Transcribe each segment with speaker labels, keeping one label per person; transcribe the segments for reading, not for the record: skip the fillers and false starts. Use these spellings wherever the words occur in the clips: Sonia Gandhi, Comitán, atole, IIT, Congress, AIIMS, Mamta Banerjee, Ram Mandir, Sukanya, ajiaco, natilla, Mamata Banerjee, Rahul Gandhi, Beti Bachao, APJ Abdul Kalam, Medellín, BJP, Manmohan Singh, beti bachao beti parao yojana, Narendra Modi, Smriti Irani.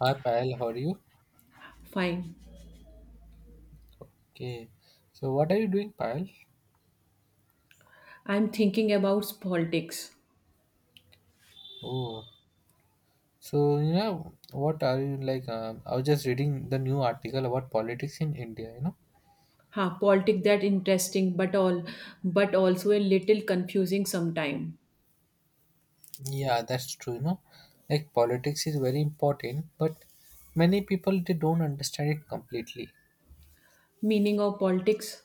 Speaker 1: Hi Payal, how are you?
Speaker 2: Fine.
Speaker 1: Okay. So what are you doing, Payal?
Speaker 2: I'm thinking about politics.
Speaker 1: Oh, so you know what are you like? I was just reading the new article about politics in India. You know.
Speaker 2: Huh, politics that interesting but also a little confusing sometime.
Speaker 1: Yeah, that's true. You know, like politics is very important, but many people they don't understand it completely.
Speaker 2: Meaning of politics.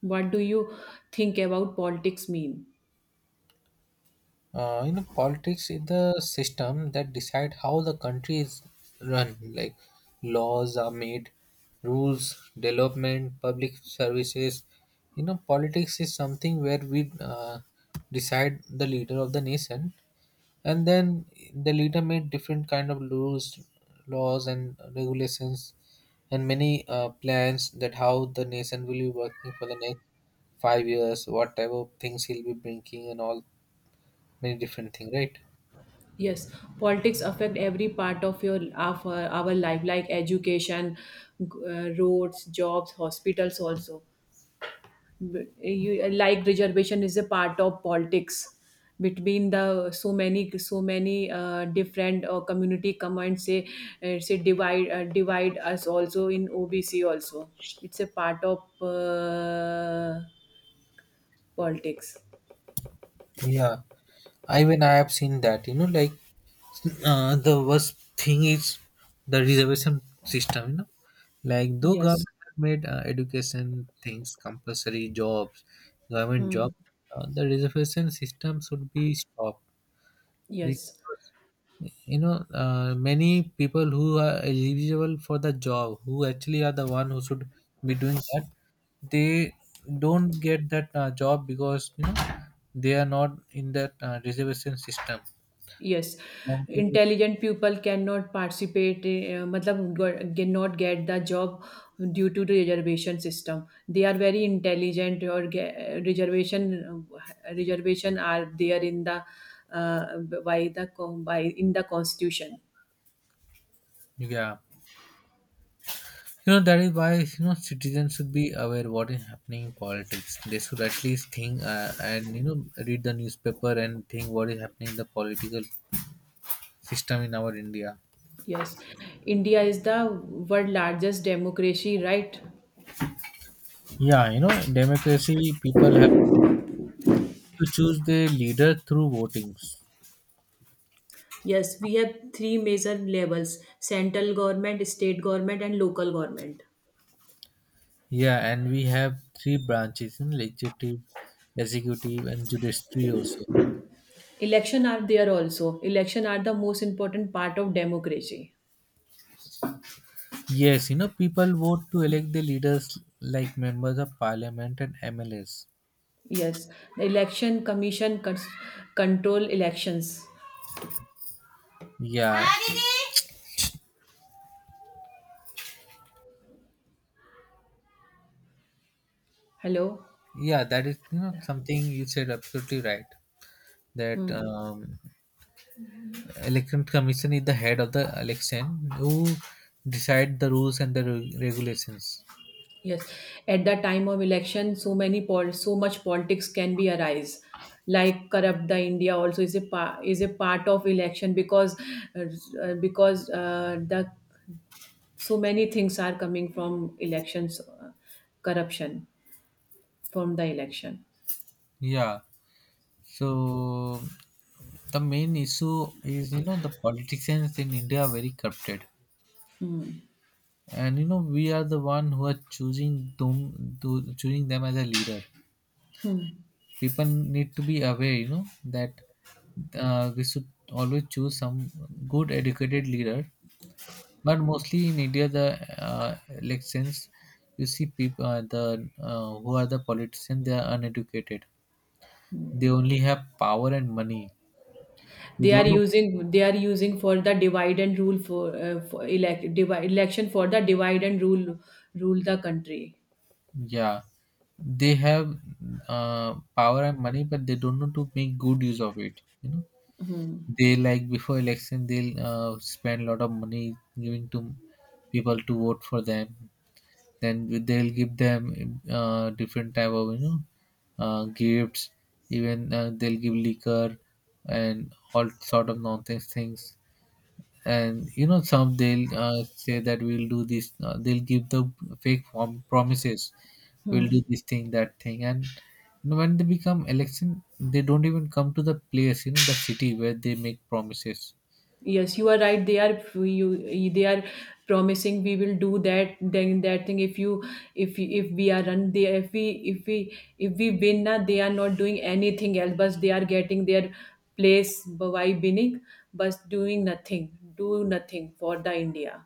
Speaker 2: What do you think about politics mean?
Speaker 1: You know politics is the system that decide how the country is run, like laws are made, rules, development, public services. You know politics is something where we decide the leader of the nation, and then the leader made different kind of rules, laws and regulations, and many plans that how the nation will be working for the next 5 years, what type of things he'll be bringing and all, many different thing, right?
Speaker 2: Yes, politics affect every part of our life like education, roads, jobs, hospitals also. Like reservation is a part of politics between the so many different community come and say say divide divide us also in OBC also. It's a part of politics.
Speaker 1: Yeah, I even I have seen that you know, like the worst thing is the reservation system. You know, like though
Speaker 2: Yes.
Speaker 1: government have made education things compulsory, jobs, government
Speaker 2: Hmm.
Speaker 1: job, the reservation system should be stopped
Speaker 2: Yes.
Speaker 1: because you know, many people who are eligible for the job, who actually are the one who should be doing that, they don't get that job because you know they are not in that reservation system.
Speaker 2: Yes, intelligent people cannot participate, matlab, cannot get the job due to the reservation system. They are very intelligent, or reservation, are there uh, in the constitution.
Speaker 1: Yeah, you know, that is why you know citizens should be aware what is happening in politics. They should at least think and you know read the newspaper and think what is happening in the political system in our India.
Speaker 2: Yes, India is the world largest democracy, right?
Speaker 1: Yeah, you know, democracy, people have to choose their leader through votings.
Speaker 2: Yes, we have three major levels: central government, state government, and local government.
Speaker 1: Yeah, and we have three branches in legislative, executive, and judiciary also.
Speaker 2: Election are there also. Election are the most important part of democracy.
Speaker 1: Yes, you know, people vote to elect the leaders like members of parliament and MLAs.
Speaker 2: Yes, the election commission control elections.
Speaker 1: Yeah,
Speaker 2: Hello.
Speaker 1: yeah, that is you know something you said absolutely right. That
Speaker 2: Hmm.
Speaker 1: election commission is the head of the election who decide the rules and the regulations.
Speaker 2: Yes, at the time of election, so much politics can be arise. Like corrupt the India also is a part of election, because uh, the so many things are coming from elections, corruption from the election.
Speaker 1: Yeah. So the main issue is you know the politicians in India are very corrupted,
Speaker 2: Hmm.
Speaker 1: and you know we are the one who are choosing them to choosing them as a leader. People need to be aware, you know, that we should always choose some good educated leader. But mostly in India, the elections, you see people the who are the politicians, they are uneducated. They only have power and money. They
Speaker 2: they are
Speaker 1: don't know.
Speaker 2: using they are using for the divide and rule, for the divide and rule the country.
Speaker 1: Yeah, they have power and money, but they don't know to make good use of it. You know,
Speaker 2: Hmm.
Speaker 1: they like before election, they'll spend a lot of money giving to people to vote for them. Then they'll give them different type of you know gifts. Even they'll give liquor and all sort of nonsense things, and you know some they'll say that we'll do this, they'll give the promises,
Speaker 2: Hmm.
Speaker 1: we'll do this thing, that thing, and you know, when they become election they don't even come to the place, you know, the city where they make promises.
Speaker 2: Yes, you are right. They are you. They are promising we will do that. Then that thing. If we are run, they, if we win, na, they are not doing anything else. But they are getting their place by winning, but doing nothing. Do nothing for the India.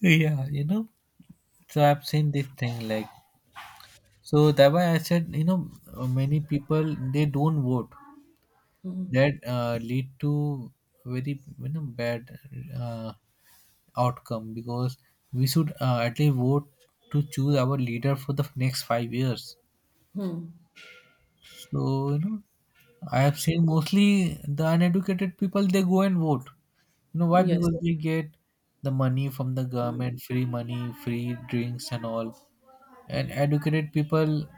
Speaker 1: Yeah, you know, so I've seen this thing, like so that why I said you know many people they don't vote, that lead to very you know bad uh, outcome, because we should at least vote to choose our leader for the next 5 years.
Speaker 2: Hmm.
Speaker 1: So you know, I have seen mostly the uneducated people they go and vote. You know why?
Speaker 2: Yes.
Speaker 1: Because they get the money from the
Speaker 2: Hmm.
Speaker 1: government, free money, free drinks and all. And educated people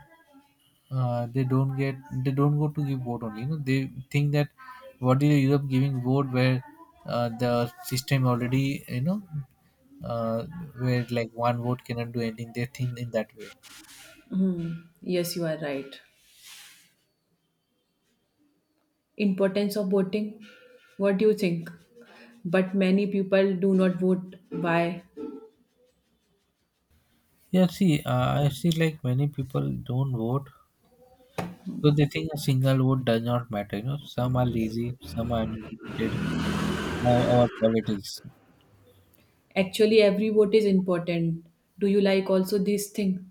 Speaker 1: they don't get, they don't go to give vote only, you know, they think that what is Europe giving vote, where the system already you know, uh, where like one vote cannot do anything, they think in that way.
Speaker 2: Hmm. Yes, you are right. Importance of voting. What do you think? But many people do not vote. Why?
Speaker 1: Yeah, see, I see like many people don't vote, so they think a single vote does not matter. You know, some are lazy, some are uneducated about politics.
Speaker 2: Actually, every vote is important. Do you like also this thing?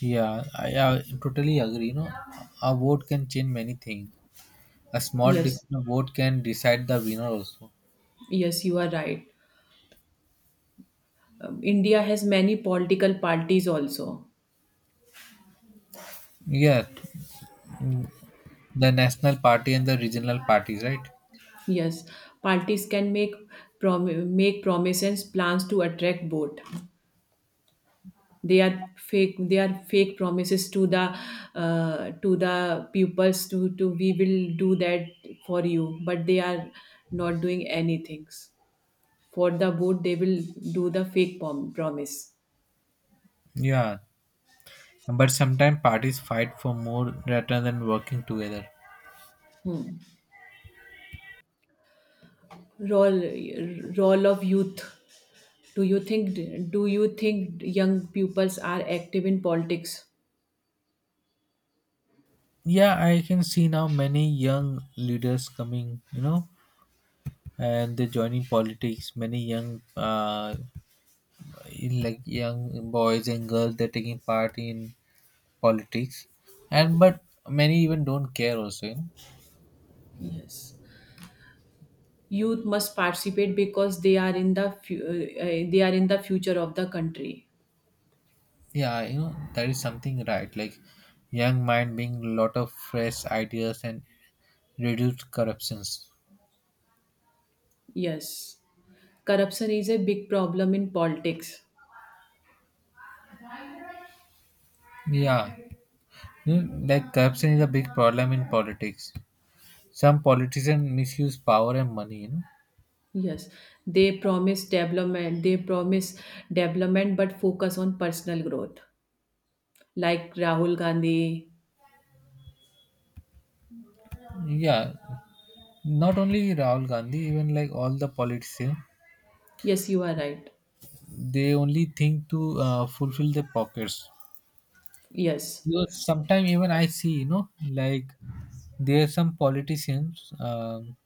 Speaker 1: Yeah, I totally agree, you know, a vote can change many things. A small
Speaker 2: Yes.
Speaker 1: decision vote can decide the winner also.
Speaker 2: Yes, you are right. India has many political parties also.
Speaker 1: Yeah, mm, the national party and the regional parties, right?
Speaker 2: Yes, parties can make make promises, plans to attract vote. They are fake promises to the pupils, to we will do that for you, but they are not doing anything for the board. They will do the fake promise.
Speaker 1: Yeah, but sometimes parties fight for more rather than working together.
Speaker 2: role Role of youth. Do you think, young pupils are active in politics?
Speaker 1: Yeah, I can see now many young leaders coming, you know, and they're joining politics. Many young, in like young boys and girls, they're taking part in politics, and but many even don't care also.
Speaker 2: Yes, youth must participate, because they are in the future of the country.
Speaker 1: Yeah, you know, that is something right. Like young mind being lot of fresh ideas and reduce corruptions.
Speaker 2: Yes. Corruption is a big problem in politics.
Speaker 1: Yeah. You know, like corruption is a big problem in politics. Some politicians misuse power and money, you know.
Speaker 2: Yes, they promise development, but focus on personal growth, like Rahul Gandhi.
Speaker 1: Yeah. Not only Rahul Gandhi, even like all the politicians,
Speaker 2: Yes, you are right.
Speaker 1: they only think to fulfill their pockets.
Speaker 2: Yes.
Speaker 1: Because sometimes even I see, you know, like there are some politicians.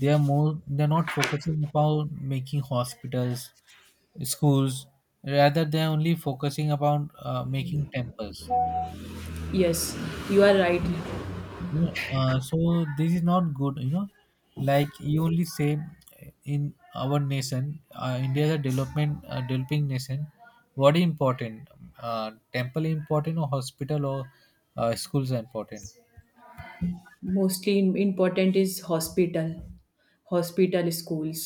Speaker 1: They are more, they're not focusing about making hospitals, schools. Rather, they're only focusing about making temples.
Speaker 2: Yes, you are right.
Speaker 1: Yeah. So this is not good. You know, like you only say in our nation, India is a development developing nation. What is important? Temple important or hospital or schools are important.
Speaker 2: Mostly important is hospital. Schools.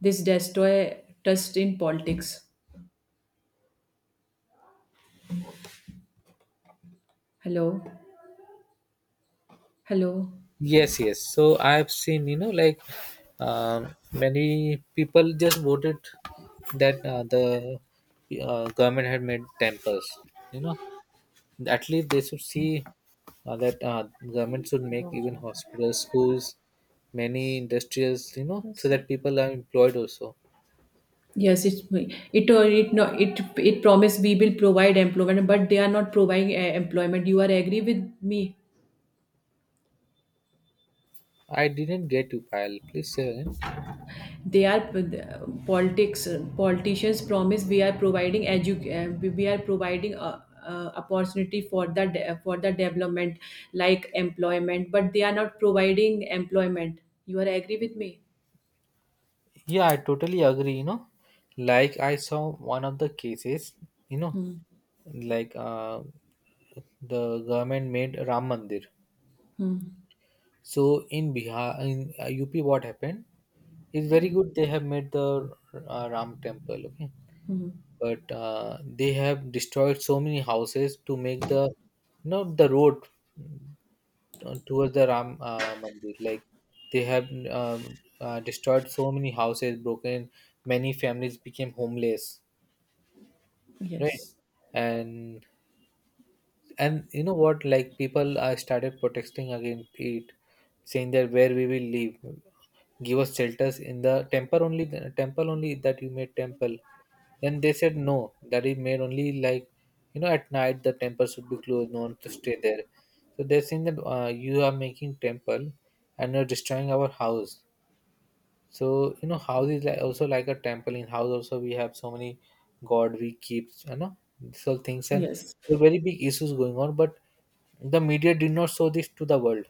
Speaker 2: This destroy trust in politics. Hello. Hello.
Speaker 1: Yes, yes. So I've seen, you know, like many people just voted that the government had made temples. You know, at least they should see that government should make even hospitals, schools, many industries. You know, so that people are employed also.
Speaker 2: Yes, it it no it it promise, we will provide employment, but they are not providing employment. You are agree with me?
Speaker 1: I didn't get you, pal. Please say again.
Speaker 2: They are, politics politicians promise, we are providing, edu we are providing opportunity for the development, like employment, but they are not providing employment. You are agree with me?
Speaker 1: Yeah, I totally agree. You know, like I saw one of the cases. You know, like the government made Ram Mandir. So in Bihar, in UP, what happened is very
Speaker 2: Mm.
Speaker 1: good. They have made the Ram temple, okay, but they have destroyed so many houses to make the you know the road towards the Ram Mandir. Like they have destroyed so many houses, broken, many families became homeless, right?
Speaker 2: Yes.
Speaker 1: And and you know what, like people are started protesting against it, saying that where we will live, give us shelters in the temple only, temple only, that you made temple. Then they said no, that is made only, like you know, at night the temple should be closed, no one to stay there. So they're saying that you are making temple and you're destroying our house. So you know, house is like also like a temple. In house also we have so many god we keep, you know, these all things, and
Speaker 2: Yes.
Speaker 1: there are very big issues going on. But the media did not show this to the world,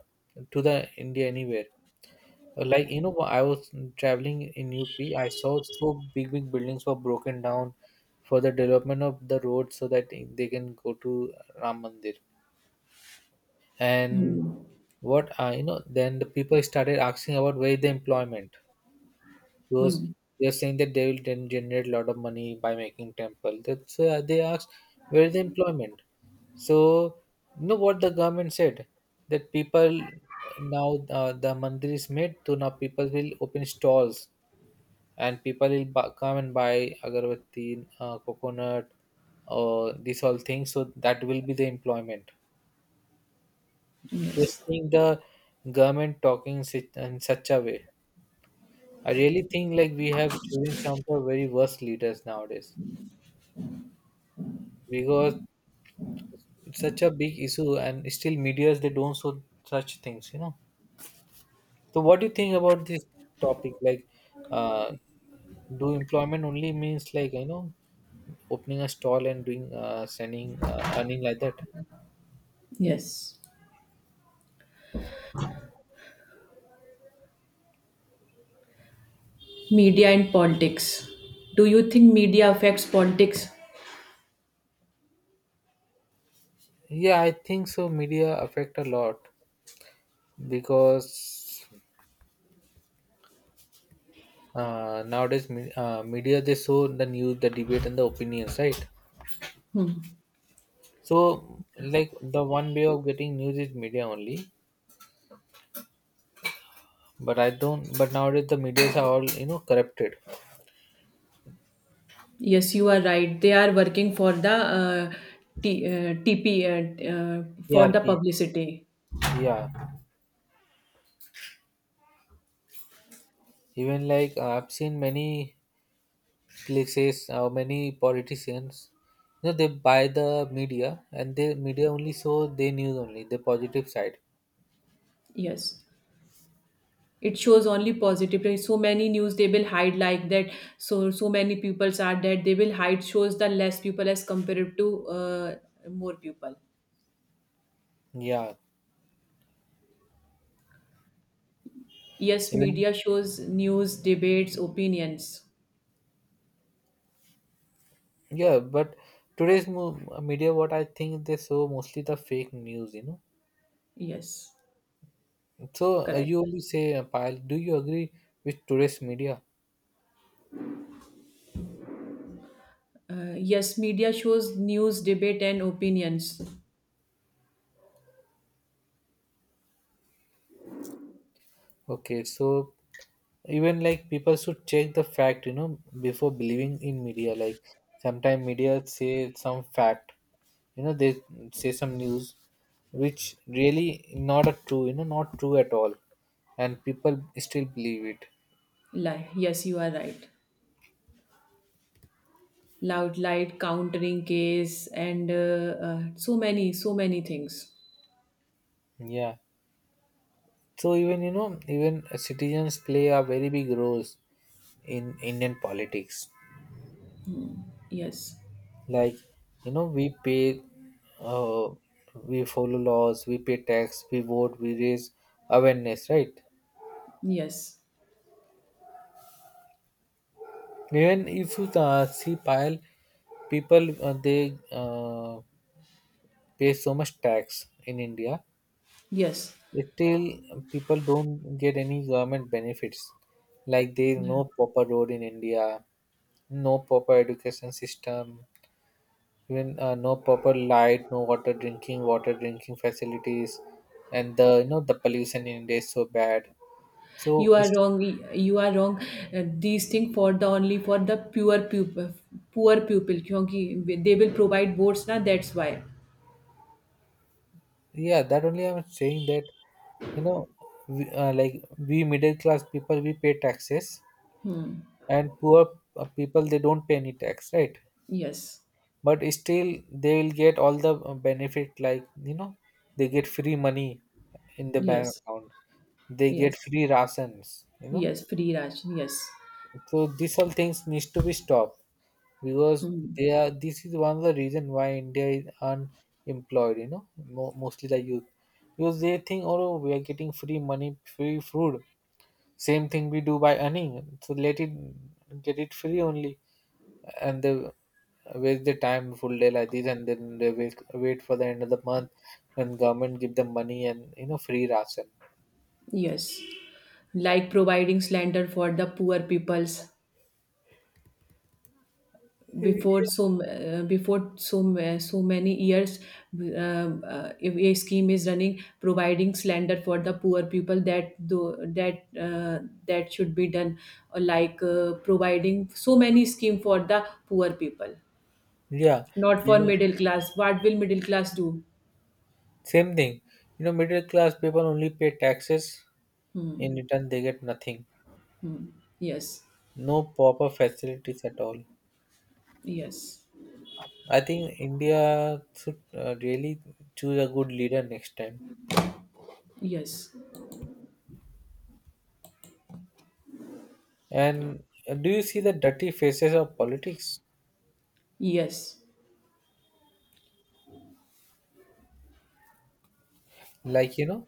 Speaker 1: to the India anywhere. Like you know, I was traveling in UP. I saw so big big buildings were broken down for the development of the road so that they can go to Ram Mandir. And what you know, then the people started asking about where is the employment, because
Speaker 2: Hmm.
Speaker 1: they are saying that they will then generate a lot of money by making temple. That's they asked where is the employment. So you know what the government said, that people now the mandir is made, so now people will open stalls and people will come and buy agarbatti, coconut, or these all things. So that will be the employment. Just
Speaker 2: Yes.
Speaker 1: think the government talking in such a way. I really think like we have chosen some of the very worst leaders nowadays, because it's such a big issue and still medias they don't show such things, you know. So what do you think about this topic? Like, uh, do employment only means like you know opening a stall and doing sending earning like that?
Speaker 2: Yes. Media and politics. Do you think media affects politics?
Speaker 1: Yeah, I think so. Media affect a lot because nowadays media they show the news, the debate, and the opinions, right? So, like the one way of getting news is media only, but I don't. But nowadays the medias are all you know corrupted.
Speaker 2: Yes, you are right. They are working for the, TP, for the
Speaker 1: TRP.
Speaker 2: publicity.
Speaker 1: Yeah, even like I've seen many places, many politicians. You know they buy the media, and they media only show their news only, the positive side.
Speaker 2: Yes, it shows only positive. There is so many news they will hide like that. So many peoples are that they will hide, shows the less people as compared to more people.
Speaker 1: Yeah,
Speaker 2: Yes,
Speaker 1: even
Speaker 2: media shows news, debates, opinions.
Speaker 1: yeah. But today's mo- media, what I think they show mostly the fake news. You know.
Speaker 2: Yes,
Speaker 1: So
Speaker 2: correct.
Speaker 1: you only say, Payal, do you agree with today's media?
Speaker 2: Yes, media shows news, debate, and opinions.
Speaker 1: Okay, so even like people should check the fact, you know, before believing in media. Like sometimes media say some fact, you know, they say some news which really not a true, you know, not true at all, and people still believe it.
Speaker 2: Lie. Yes, you are right. Loud, light, countering case, and, so many, so many things.
Speaker 1: Yeah. So even you know, even citizens play a very big role in Indian politics.
Speaker 2: Yes,
Speaker 1: Like we pay uh, we follow laws, we pay tax, we vote, we raise awareness, right?
Speaker 2: yes,
Speaker 1: Even if you see pile people they pay so much tax in India,
Speaker 2: yes.
Speaker 1: still people don't get any government benefits. Like there is no proper road in India, no proper education system. Even no proper light, no water drinking, water drinking facilities, and the you know the pollution in India is so bad. So
Speaker 2: You
Speaker 1: it's,
Speaker 2: are wrong. You are wrong. These things for the, only for the pure pupil, poor pupil. Because they will provide boards. Now that's why.
Speaker 1: yeah, that only I'm saying that you know we, like we middle class people we pay taxes, and poor people they don't pay any tax, right?
Speaker 2: Yes,
Speaker 1: But still they will get all the benefit, like they get free money in the bank
Speaker 2: yes,
Speaker 1: account, they get
Speaker 2: yes,
Speaker 1: free rations,
Speaker 2: yes. Free Raj. Yes.
Speaker 1: So these all things needs to be stopped because they
Speaker 2: Hmm.
Speaker 1: are. This is one of the reason why India is unemployed. You know, mostly the youth, because they think, oh, we are getting free money, free food. Same thing we do by earning. So let it get it free only, and they waste the time full day like this, and then they wait for the end of the month when government give them money and free ration.
Speaker 2: Yes. Like providing slander for the poor peoples before, so many years. If a scheme is running providing slander for the poor people, that though that should be done. Or like, providing so many scheme for the poor people,
Speaker 1: Yeah,
Speaker 2: not for
Speaker 1: even
Speaker 2: middle class. What will middle class do?
Speaker 1: same thing. You know, middle class people only pay taxes. In return, they get nothing,
Speaker 2: Yes.
Speaker 1: no proper facilities at all.
Speaker 2: Yes.
Speaker 1: I think India should really choose a good leader next time.
Speaker 2: Yes.
Speaker 1: And do you see the dirty faces of politics?
Speaker 2: Yes.
Speaker 1: Like, you know,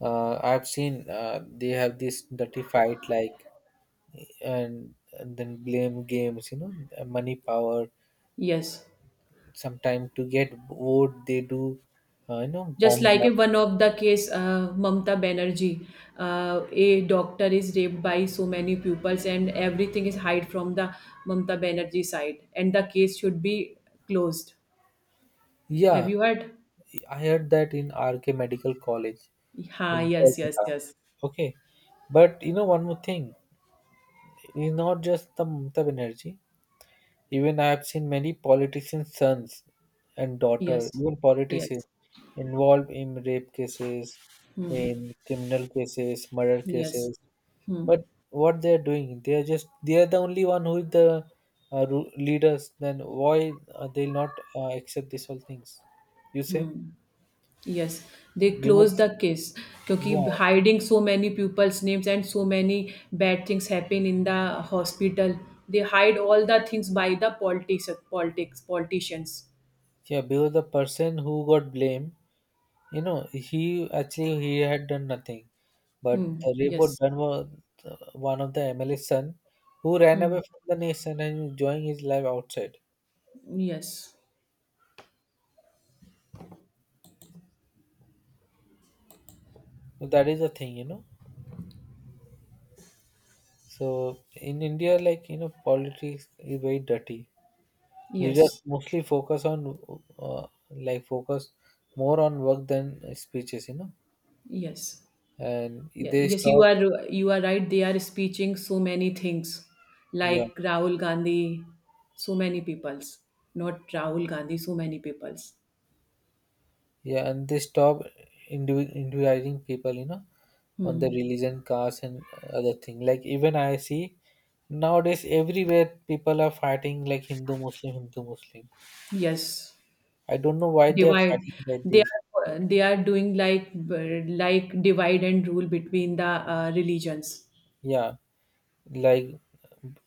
Speaker 1: I've seen they have this dirty fight, like, and then blame games, you know, money power.
Speaker 2: Yes.
Speaker 1: Sometimes to get vote, they do,
Speaker 2: Just
Speaker 1: bomb
Speaker 2: like
Speaker 1: blast.
Speaker 2: in one of the case, Mamta Banerjee, a doctor is raped by so many pupils, and everything is hide from the Mamta Banerjee side, and the case should be closed. Have
Speaker 1: Yeah,
Speaker 2: you heard?
Speaker 1: I heard that in RK Medical College
Speaker 2: Ha,
Speaker 1: in
Speaker 2: yes, yes,
Speaker 1: Kolkata.
Speaker 2: yes,
Speaker 1: Okay, but you know, one more thing is not just the Mamata Banerjee. Even I have seen many politicians' sons and daughter,
Speaker 2: yes,
Speaker 1: even politicians
Speaker 2: yes.
Speaker 1: involved in rape cases,
Speaker 2: Hmm.
Speaker 1: in criminal cases, murder
Speaker 2: Yes.
Speaker 1: cases.
Speaker 2: Hmm.
Speaker 1: But what they are doing, they are the only one who is the leaders. Then why they'll not accept these all things? You say
Speaker 2: Yes, they close
Speaker 1: because
Speaker 2: the case, because
Speaker 1: yeah,
Speaker 2: hiding so many people's names, and so many bad things happen in the hospital. They hide all the things by the politics, politicians.
Speaker 1: yeah, because the person who got blamed, you know, he actually he had done nothing. But
Speaker 2: Hmm.
Speaker 1: the report
Speaker 2: Yes.
Speaker 1: done was one of the MLA's son who ran
Speaker 2: Hmm.
Speaker 1: away from the nation and enjoying his life outside.
Speaker 2: Yes.
Speaker 1: So that is the thing, you know. So in India, like you know, politics is very dirty. Leaders
Speaker 2: Yes.
Speaker 1: mostly focus on focus more on work than speeches, you know.
Speaker 2: Yes.
Speaker 1: And
Speaker 2: Yes.
Speaker 1: they
Speaker 2: Yes.
Speaker 1: stop,
Speaker 2: You are right. They are speaking so many things,
Speaker 1: yeah.
Speaker 2: like Rahul Gandhi, so many peoples. Not Rahul Gandhi. So many peoples.
Speaker 1: Yeah, and they stop individualizing people, you know, on the
Speaker 2: Hmm.
Speaker 1: religion, caste, and other thing. Like even I see nowadays everywhere people are fighting like Hindu Muslim, Hindu Muslim.
Speaker 2: Yes.
Speaker 1: I don't know why they are
Speaker 2: Divide,
Speaker 1: fighting like this.
Speaker 2: they are doing, like, divide and rule between the religions.
Speaker 1: Yeah, like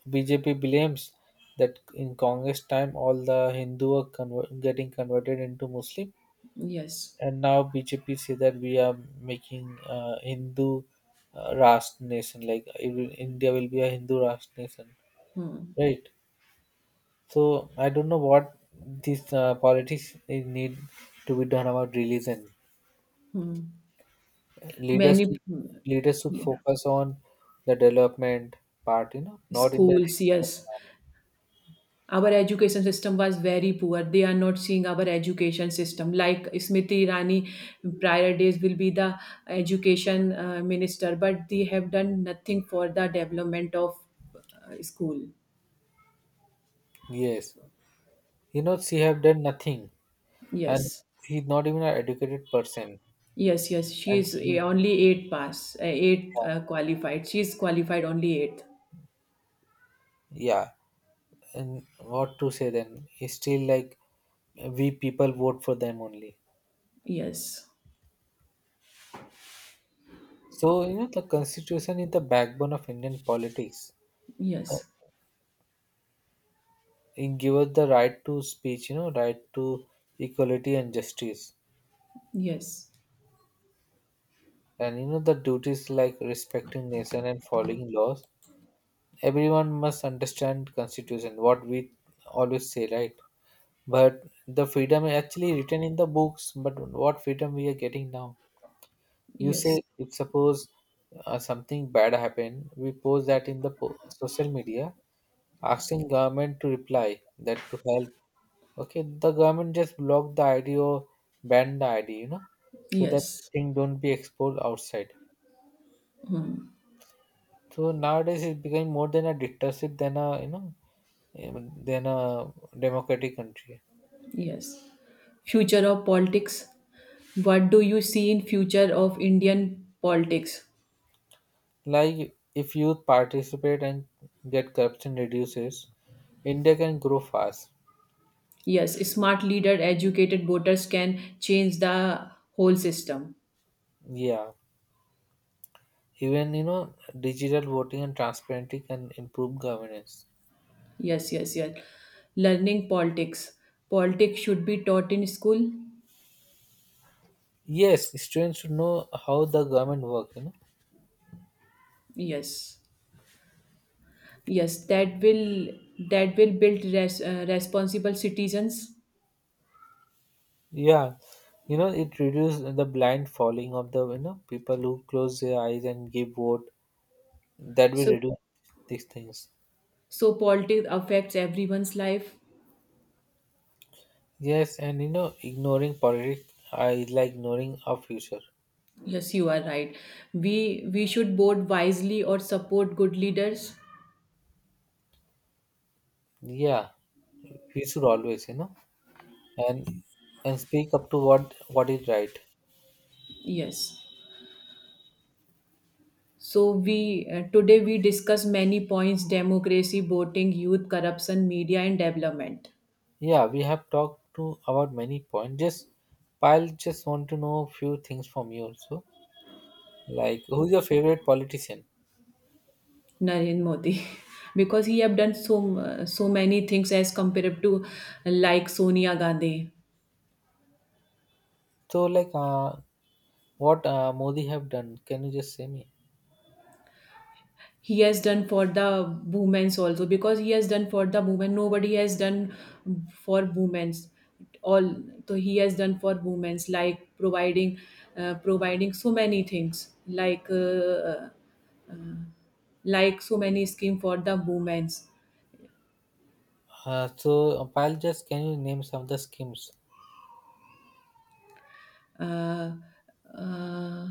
Speaker 1: BJP blames that in Congress time all the Hindu are getting converted into Muslim,
Speaker 2: Yes.
Speaker 1: and now BJP say that we are making Hindu Rashtra nation, like it will- India will be a Hindu Rashtra nation, right? So I don't know what this politics is need to be done about religion. Leaders
Speaker 2: Many.
Speaker 1: to, leaders should
Speaker 2: Yeah.
Speaker 1: focus on the development part, you know, not in the
Speaker 2: Schools.
Speaker 1: religion
Speaker 2: Yes,
Speaker 1: part.
Speaker 2: our education system was very poor. They are not seeing our education system. Like Smriti Irani prior days will be the education minister, but they have done nothing for the development of school.
Speaker 1: Yes, you know she have done nothing, and
Speaker 2: Yes.
Speaker 1: she's not even an educated person,
Speaker 2: Yes, yes, she
Speaker 1: and
Speaker 2: is
Speaker 1: she,
Speaker 2: only eight pass, eight
Speaker 1: yeah,
Speaker 2: qualified. She is qualified only eight.
Speaker 1: yeah. And what to say then? It's still like we people vote for them only.
Speaker 2: Yes,
Speaker 1: So, you know, the constitution is the backbone of Indian politics. Uh,
Speaker 2: yes,
Speaker 1: It gives us the right to speech, you know, right to equality and justice.
Speaker 2: yes,
Speaker 1: And, you know, the duties like respecting nation and following laws. Everyone must understand constitution, what we always say, right? But the freedom is actually written in the books, but what freedom we are getting now? You
Speaker 2: yes,
Speaker 1: say if suppose something bad happen, we post that in the social media, asking government to reply that to help. Okay, the government just block the ID or ban the ID, you know, so that
Speaker 2: yes,
Speaker 1: thing don't be exposed outside. So nowadays it's becoming more than a dictatorship than a um, than a democratic country.
Speaker 2: yes. Future of politics. What do you see in future of Indian politics?
Speaker 1: Like if youth participate and get corruption reduces, India can grow fast.
Speaker 2: Yes, smart leader, educated voters can change the whole system.
Speaker 1: Yeah. Even, you know, digital voting and transparency can improve governance.
Speaker 2: Yes, yes, yes. Learning politics. Politics should be taught in school.
Speaker 1: Yes, students should know how the government works, you know.
Speaker 2: Yes. Yes, that will, build responsible citizens.
Speaker 1: Yeah, you know, it reduces the blind following of the, people who close their eyes and give vote. That will
Speaker 2: So
Speaker 1: reduce these things.
Speaker 2: so politics affects everyone's life.
Speaker 1: Yes, and you know, ignoring politics is like ignoring our future.
Speaker 2: Yes, you are right. We should vote wisely or support good leaders.
Speaker 1: Yeah, we should always, and and speak up to what is right.
Speaker 2: Yes. So we today we discuss many points: democracy, voting, youth, corruption, media, and development.
Speaker 1: Yeah, we have talked to about many points. Just Pyle just want to know a few things from you also. Like who's your favorite politician?
Speaker 2: Narendra Modi, because he have done so many things as compared to, like, Sonia Gandhi.
Speaker 1: So like what Modi have done? Can you just say me?
Speaker 2: He has done for the women's also, because he has done for the women. Nobody has done for women's, all. So he has done for women's, like providing so many things, like, so many scheme for the women's.
Speaker 1: Pyle just can you name some of the schemes?
Speaker 2: uh, uh,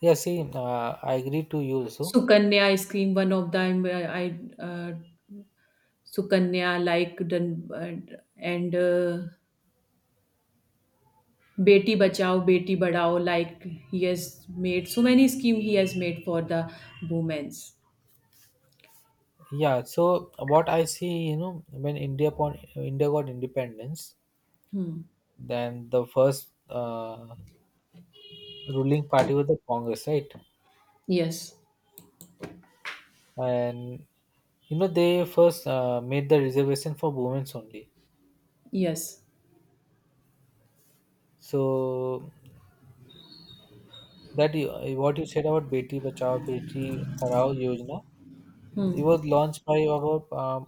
Speaker 1: Yeah, see, I agree to you also.
Speaker 2: Sukanya scheme, one of them. I Sukanya, like done, and Beti Bachao, Beti badao. Like, he has made so many scheme, he has made for the women's.
Speaker 1: Yeah, so what I see, you know, when India got independence,
Speaker 2: Hmm.
Speaker 1: then the first ruling party was the Congress, right?
Speaker 2: Yes.
Speaker 1: And you know they first made the reservation for women only
Speaker 2: Yes.
Speaker 1: so that you, what you said about Beti Bachao Beti Parao Yojana, it
Speaker 2: Hmm.
Speaker 1: was launched by our um,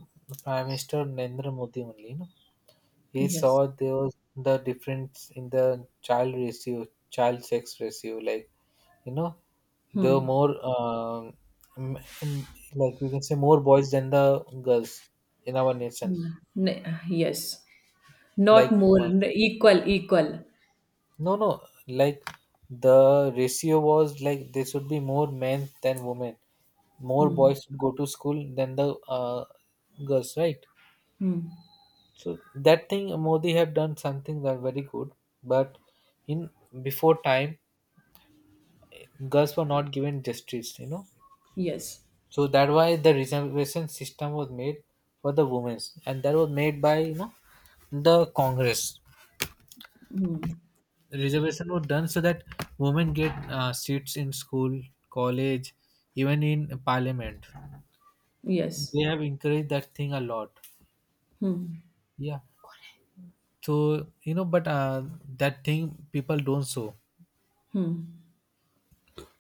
Speaker 1: prime minister Narendra Modi only, you know. He saw
Speaker 2: Yes.
Speaker 1: there was the difference in the child ratio, child sex ratio, like you know there were
Speaker 2: Hmm.
Speaker 1: more m- m- like we can say more boys than the girls in our nation,
Speaker 2: Yes. Not
Speaker 1: like
Speaker 2: more.
Speaker 1: uh,
Speaker 2: Equal. Equal.
Speaker 1: no, no, like the ratio was like there should be more men than women. More
Speaker 2: Hmm.
Speaker 1: boys should go to school than the girls, right?
Speaker 2: Hmm.
Speaker 1: So that thing Modi have done something that very good, but in before time, girls were not given justice, you know.
Speaker 2: Yes.
Speaker 1: So that why the reservation system was made for the women's, and that was made by the Congress.
Speaker 2: Hmm.
Speaker 1: Reservation were done so that women get seats in school, college, even in parliament.
Speaker 2: Yes.
Speaker 1: They have encouraged that thing a lot.
Speaker 2: Hmm.
Speaker 1: Yeah. So you know, but that thing people don't show.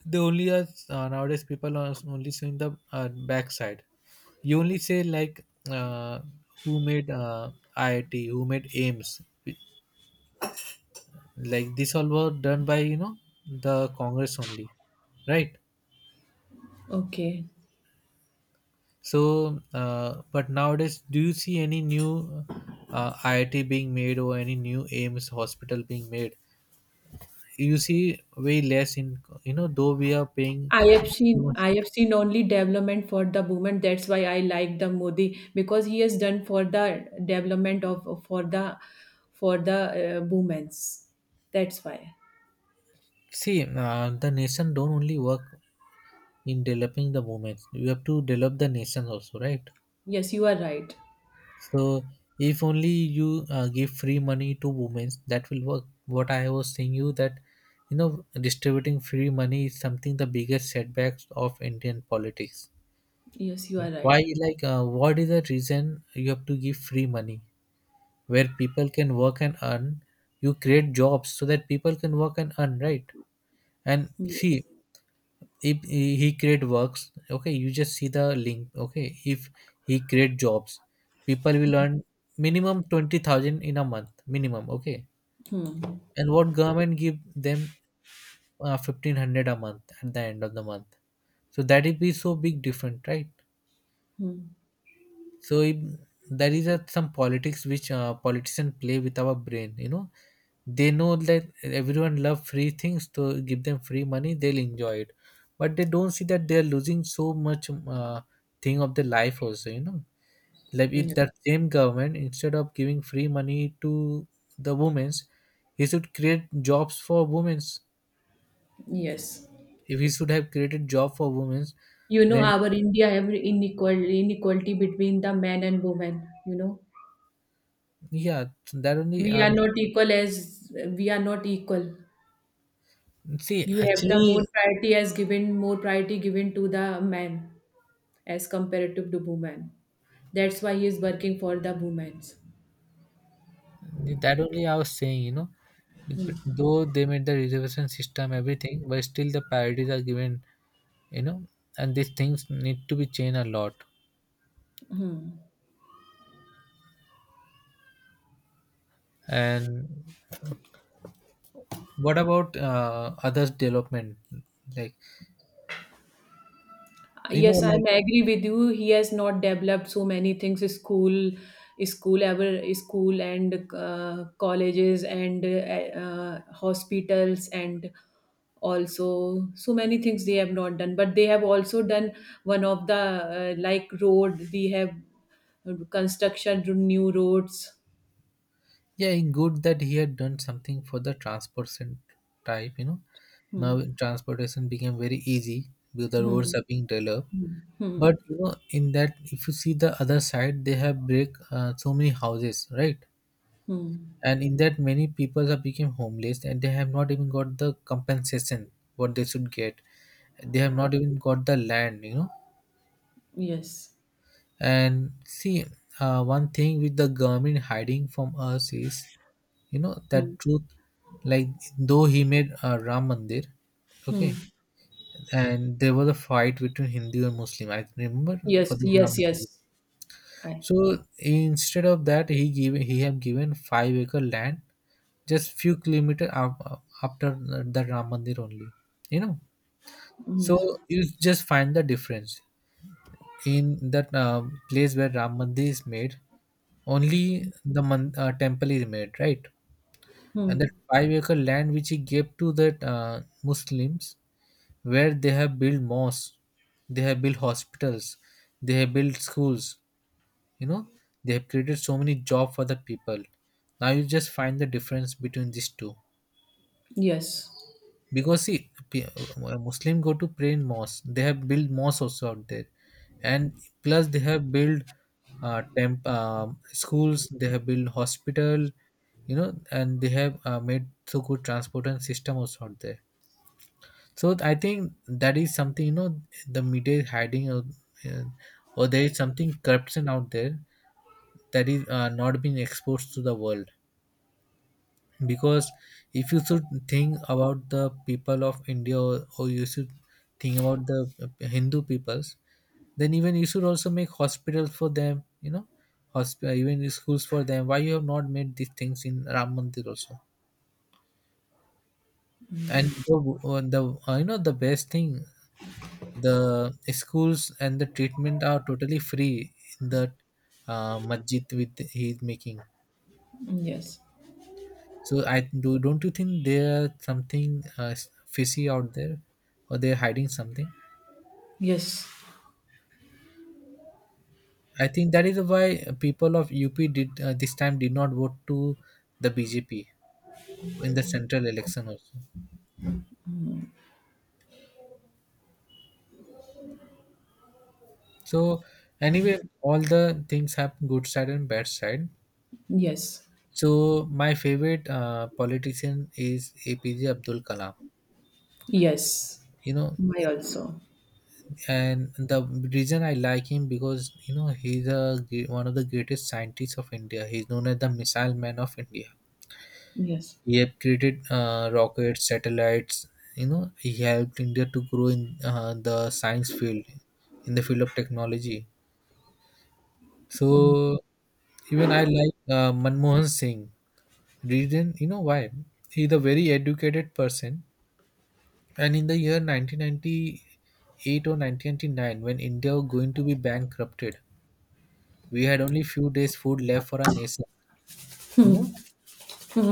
Speaker 1: They only are nowadays people are only showing the backside. You only say like uh, who made IIT, who made AIMS, like this all were done by the Congress only, right?
Speaker 2: Okay.
Speaker 1: So, but nowadays, do you see any new IIT being made or any new AIMS hospital being made? You see way less in you know though we are paying.
Speaker 2: I have seen only development for the women. That's why I like the Modi, because he has done for the development of for the women's. That's why.
Speaker 1: See, the nation don't only work in developing the movements. You have to develop the nation also, right?
Speaker 2: Yes, you are right.
Speaker 1: So if only you give free money to women, that will work. What I was saying you that you know distributing free money is something the biggest setbacks of Indian politics.
Speaker 2: Yes, you are
Speaker 1: Why,
Speaker 2: right.
Speaker 1: like, what is the reason you have to give free money where people can work and earn? You create jobs so that people can work and earn, right? And see,
Speaker 2: Yes.
Speaker 1: if he create works, okay, you just see the link, okay. If he create jobs, people will earn minimum 20,000 in a month, minimum, okay.
Speaker 2: Hmm.
Speaker 1: And what government give them 1,500 a month at the end of the month. So that will be so big different, right?
Speaker 2: Hmm.
Speaker 1: So if there is a, some politics which politicians play with our brain, you know, they know that everyone love free things, to give them free money they'll enjoy it, but they don't see that they're losing so much thing of their life also, you know. Like if
Speaker 2: Yeah.
Speaker 1: that same government instead of giving free money to the women's, he should create jobs for women's.
Speaker 2: Yes.
Speaker 1: If he should have created job for women's,
Speaker 2: You know,
Speaker 1: then
Speaker 2: our India have inequality between the men and women. You know,
Speaker 1: yeah, so that only
Speaker 2: we are not equal, we are not equal.
Speaker 1: see
Speaker 2: You have the more
Speaker 1: actually.
Speaker 2: priority, as given, more priority given to the men as comparative to women. That's why he is working for the women.
Speaker 1: That only I was saying, you know, though they made the reservation system everything, but still the priorities are given, you know, and these things need to be changed a lot. And what about others' development? Like you know,
Speaker 2: Yes, I
Speaker 1: like
Speaker 2: am agree with you. He has not developed so many things. School, school ever school, and colleges, and hospitals, and also so many things they have not done. But they have also done one of the, like, road. We have construction to new roads.
Speaker 1: yeah, good that he had done something for the transportation type. You know, now
Speaker 2: Hmm.
Speaker 1: transportation became very easy because the
Speaker 2: Hmm.
Speaker 1: roads are being developed.
Speaker 2: Hmm. Hmm.
Speaker 1: But you know, in that, if you see the other side, they have break so many houses, right?
Speaker 2: Hmm.
Speaker 1: And in that many people have become homeless, and they have not even got the compensation what they should get. They have not even got the land, you know.
Speaker 2: Yes.
Speaker 1: And see, one thing with the government hiding from us is you know that
Speaker 2: Hmm.
Speaker 1: truth. Like though he made Ram Mandir,
Speaker 2: Hmm.
Speaker 1: okay, and there was a fight between Hindu and Muslim, I remember, for
Speaker 2: Yes,
Speaker 1: the Ram
Speaker 2: yes, yes.
Speaker 1: Mandir.
Speaker 2: I
Speaker 1: So instead of that he gave, he have given 5 acre land just few kilometer after the Ram Mandir only. You know, so
Speaker 2: Yes.
Speaker 1: you just find the difference in that place where Ram Mandir is made. Only the temple is made, right? And that
Speaker 2: Hmm.
Speaker 1: 5 acre land which he gave to the Muslims, where they have built mosques, they have built hospitals, they have built schools. You know, they have created so many job for the people. Now you just find the difference between these two.
Speaker 2: Yes.
Speaker 1: Because muslim go to pray in mosque, they have built mosques also out there, and plus they have built temp schools, they have built hospital, you know, and they have made so good transport and system also out there. So I think that is something, you know, the media is hiding uh, or there is something corruption out there that is not being exposed to the world. Because if you should think about the people of India or you should think about the hindu peoples, then even you should also make hospitals for them, you know, hospital, even schools for them. Why you have not made these things in Ram Mandir also? And the You know, the best thing, the schools and the treatment are totally free in the masjid with he is making.
Speaker 2: Yes.
Speaker 1: So I do. Don't you think there's something fishy out there, or they're hiding something?
Speaker 2: Yes.
Speaker 1: I think that is why people of UP did, this time, did not vote to the BJP in the central election also. So anyway, all the things have good side and bad side.
Speaker 2: Yes.
Speaker 1: So my favorite politician is APJ Abdul Kalam.
Speaker 2: Yes.
Speaker 1: You know,
Speaker 2: My also.
Speaker 1: and the reason I like him, because, you know, he's one of the greatest scientists of India. He's known as the missile man of India.
Speaker 2: Yes.
Speaker 1: He had created rockets, satellites. You know, he helped India to grow in the science field, in the field of technology. So even I like Manmohan Singh. Reason, you know why? He's a very educated person. And in the year 1998 or 1999, when India was going to be bankrupted, we had only few days food left for our nation. You know,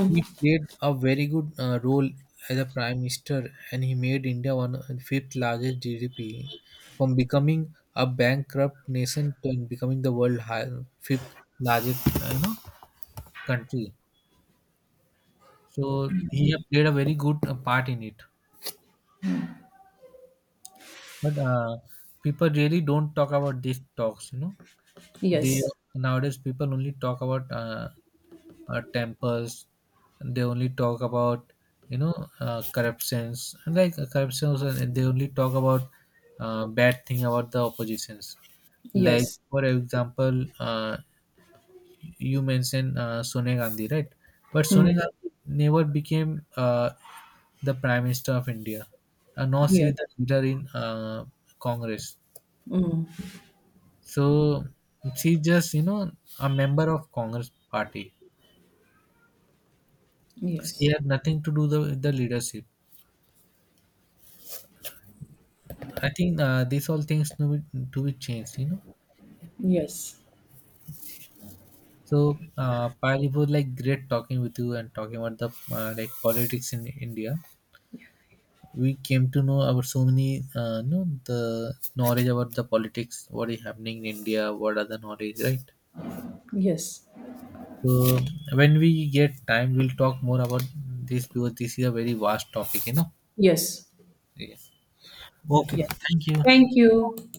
Speaker 1: he played a very good role as a prime minister, and he made India one of the fifth largest GDP, from becoming a bankrupt nation to becoming the world high, fifth largest, country. So he have played a very good part in it. But people really don't talk about these talks, you know. They,
Speaker 2: Yes.
Speaker 1: nowadays, people only talk about temples. They only talk about, you know, corruptions, and like corruptions. And they only talk about bad thing about the oppositions. Like
Speaker 2: Yes.
Speaker 1: for example, you mentioned Sonia Gandhi, right? But Sonia
Speaker 2: Hmm.
Speaker 1: Gandhi never became the Prime Minister of India, and nor she
Speaker 2: Yes.
Speaker 1: the leader in Congress.
Speaker 2: Hmm.
Speaker 1: So she just, you know, a member of Congress party. She
Speaker 2: Yes.
Speaker 1: had nothing to do with the leadership. I think these all things to be changed, you know.
Speaker 2: Yes.
Speaker 1: So, Payal, it was like great talking with you and talking about the like politics in India. We came to know about so many, you know, the knowledge about the politics, what is happening in India, what are the knowledge, right?
Speaker 2: Yes.
Speaker 1: So, when we get time, we'll talk more about this because this is a very vast topic, you know.
Speaker 2: Yes.
Speaker 1: Yes. Okay.
Speaker 2: Yes.
Speaker 1: Thank you.
Speaker 2: Thank you.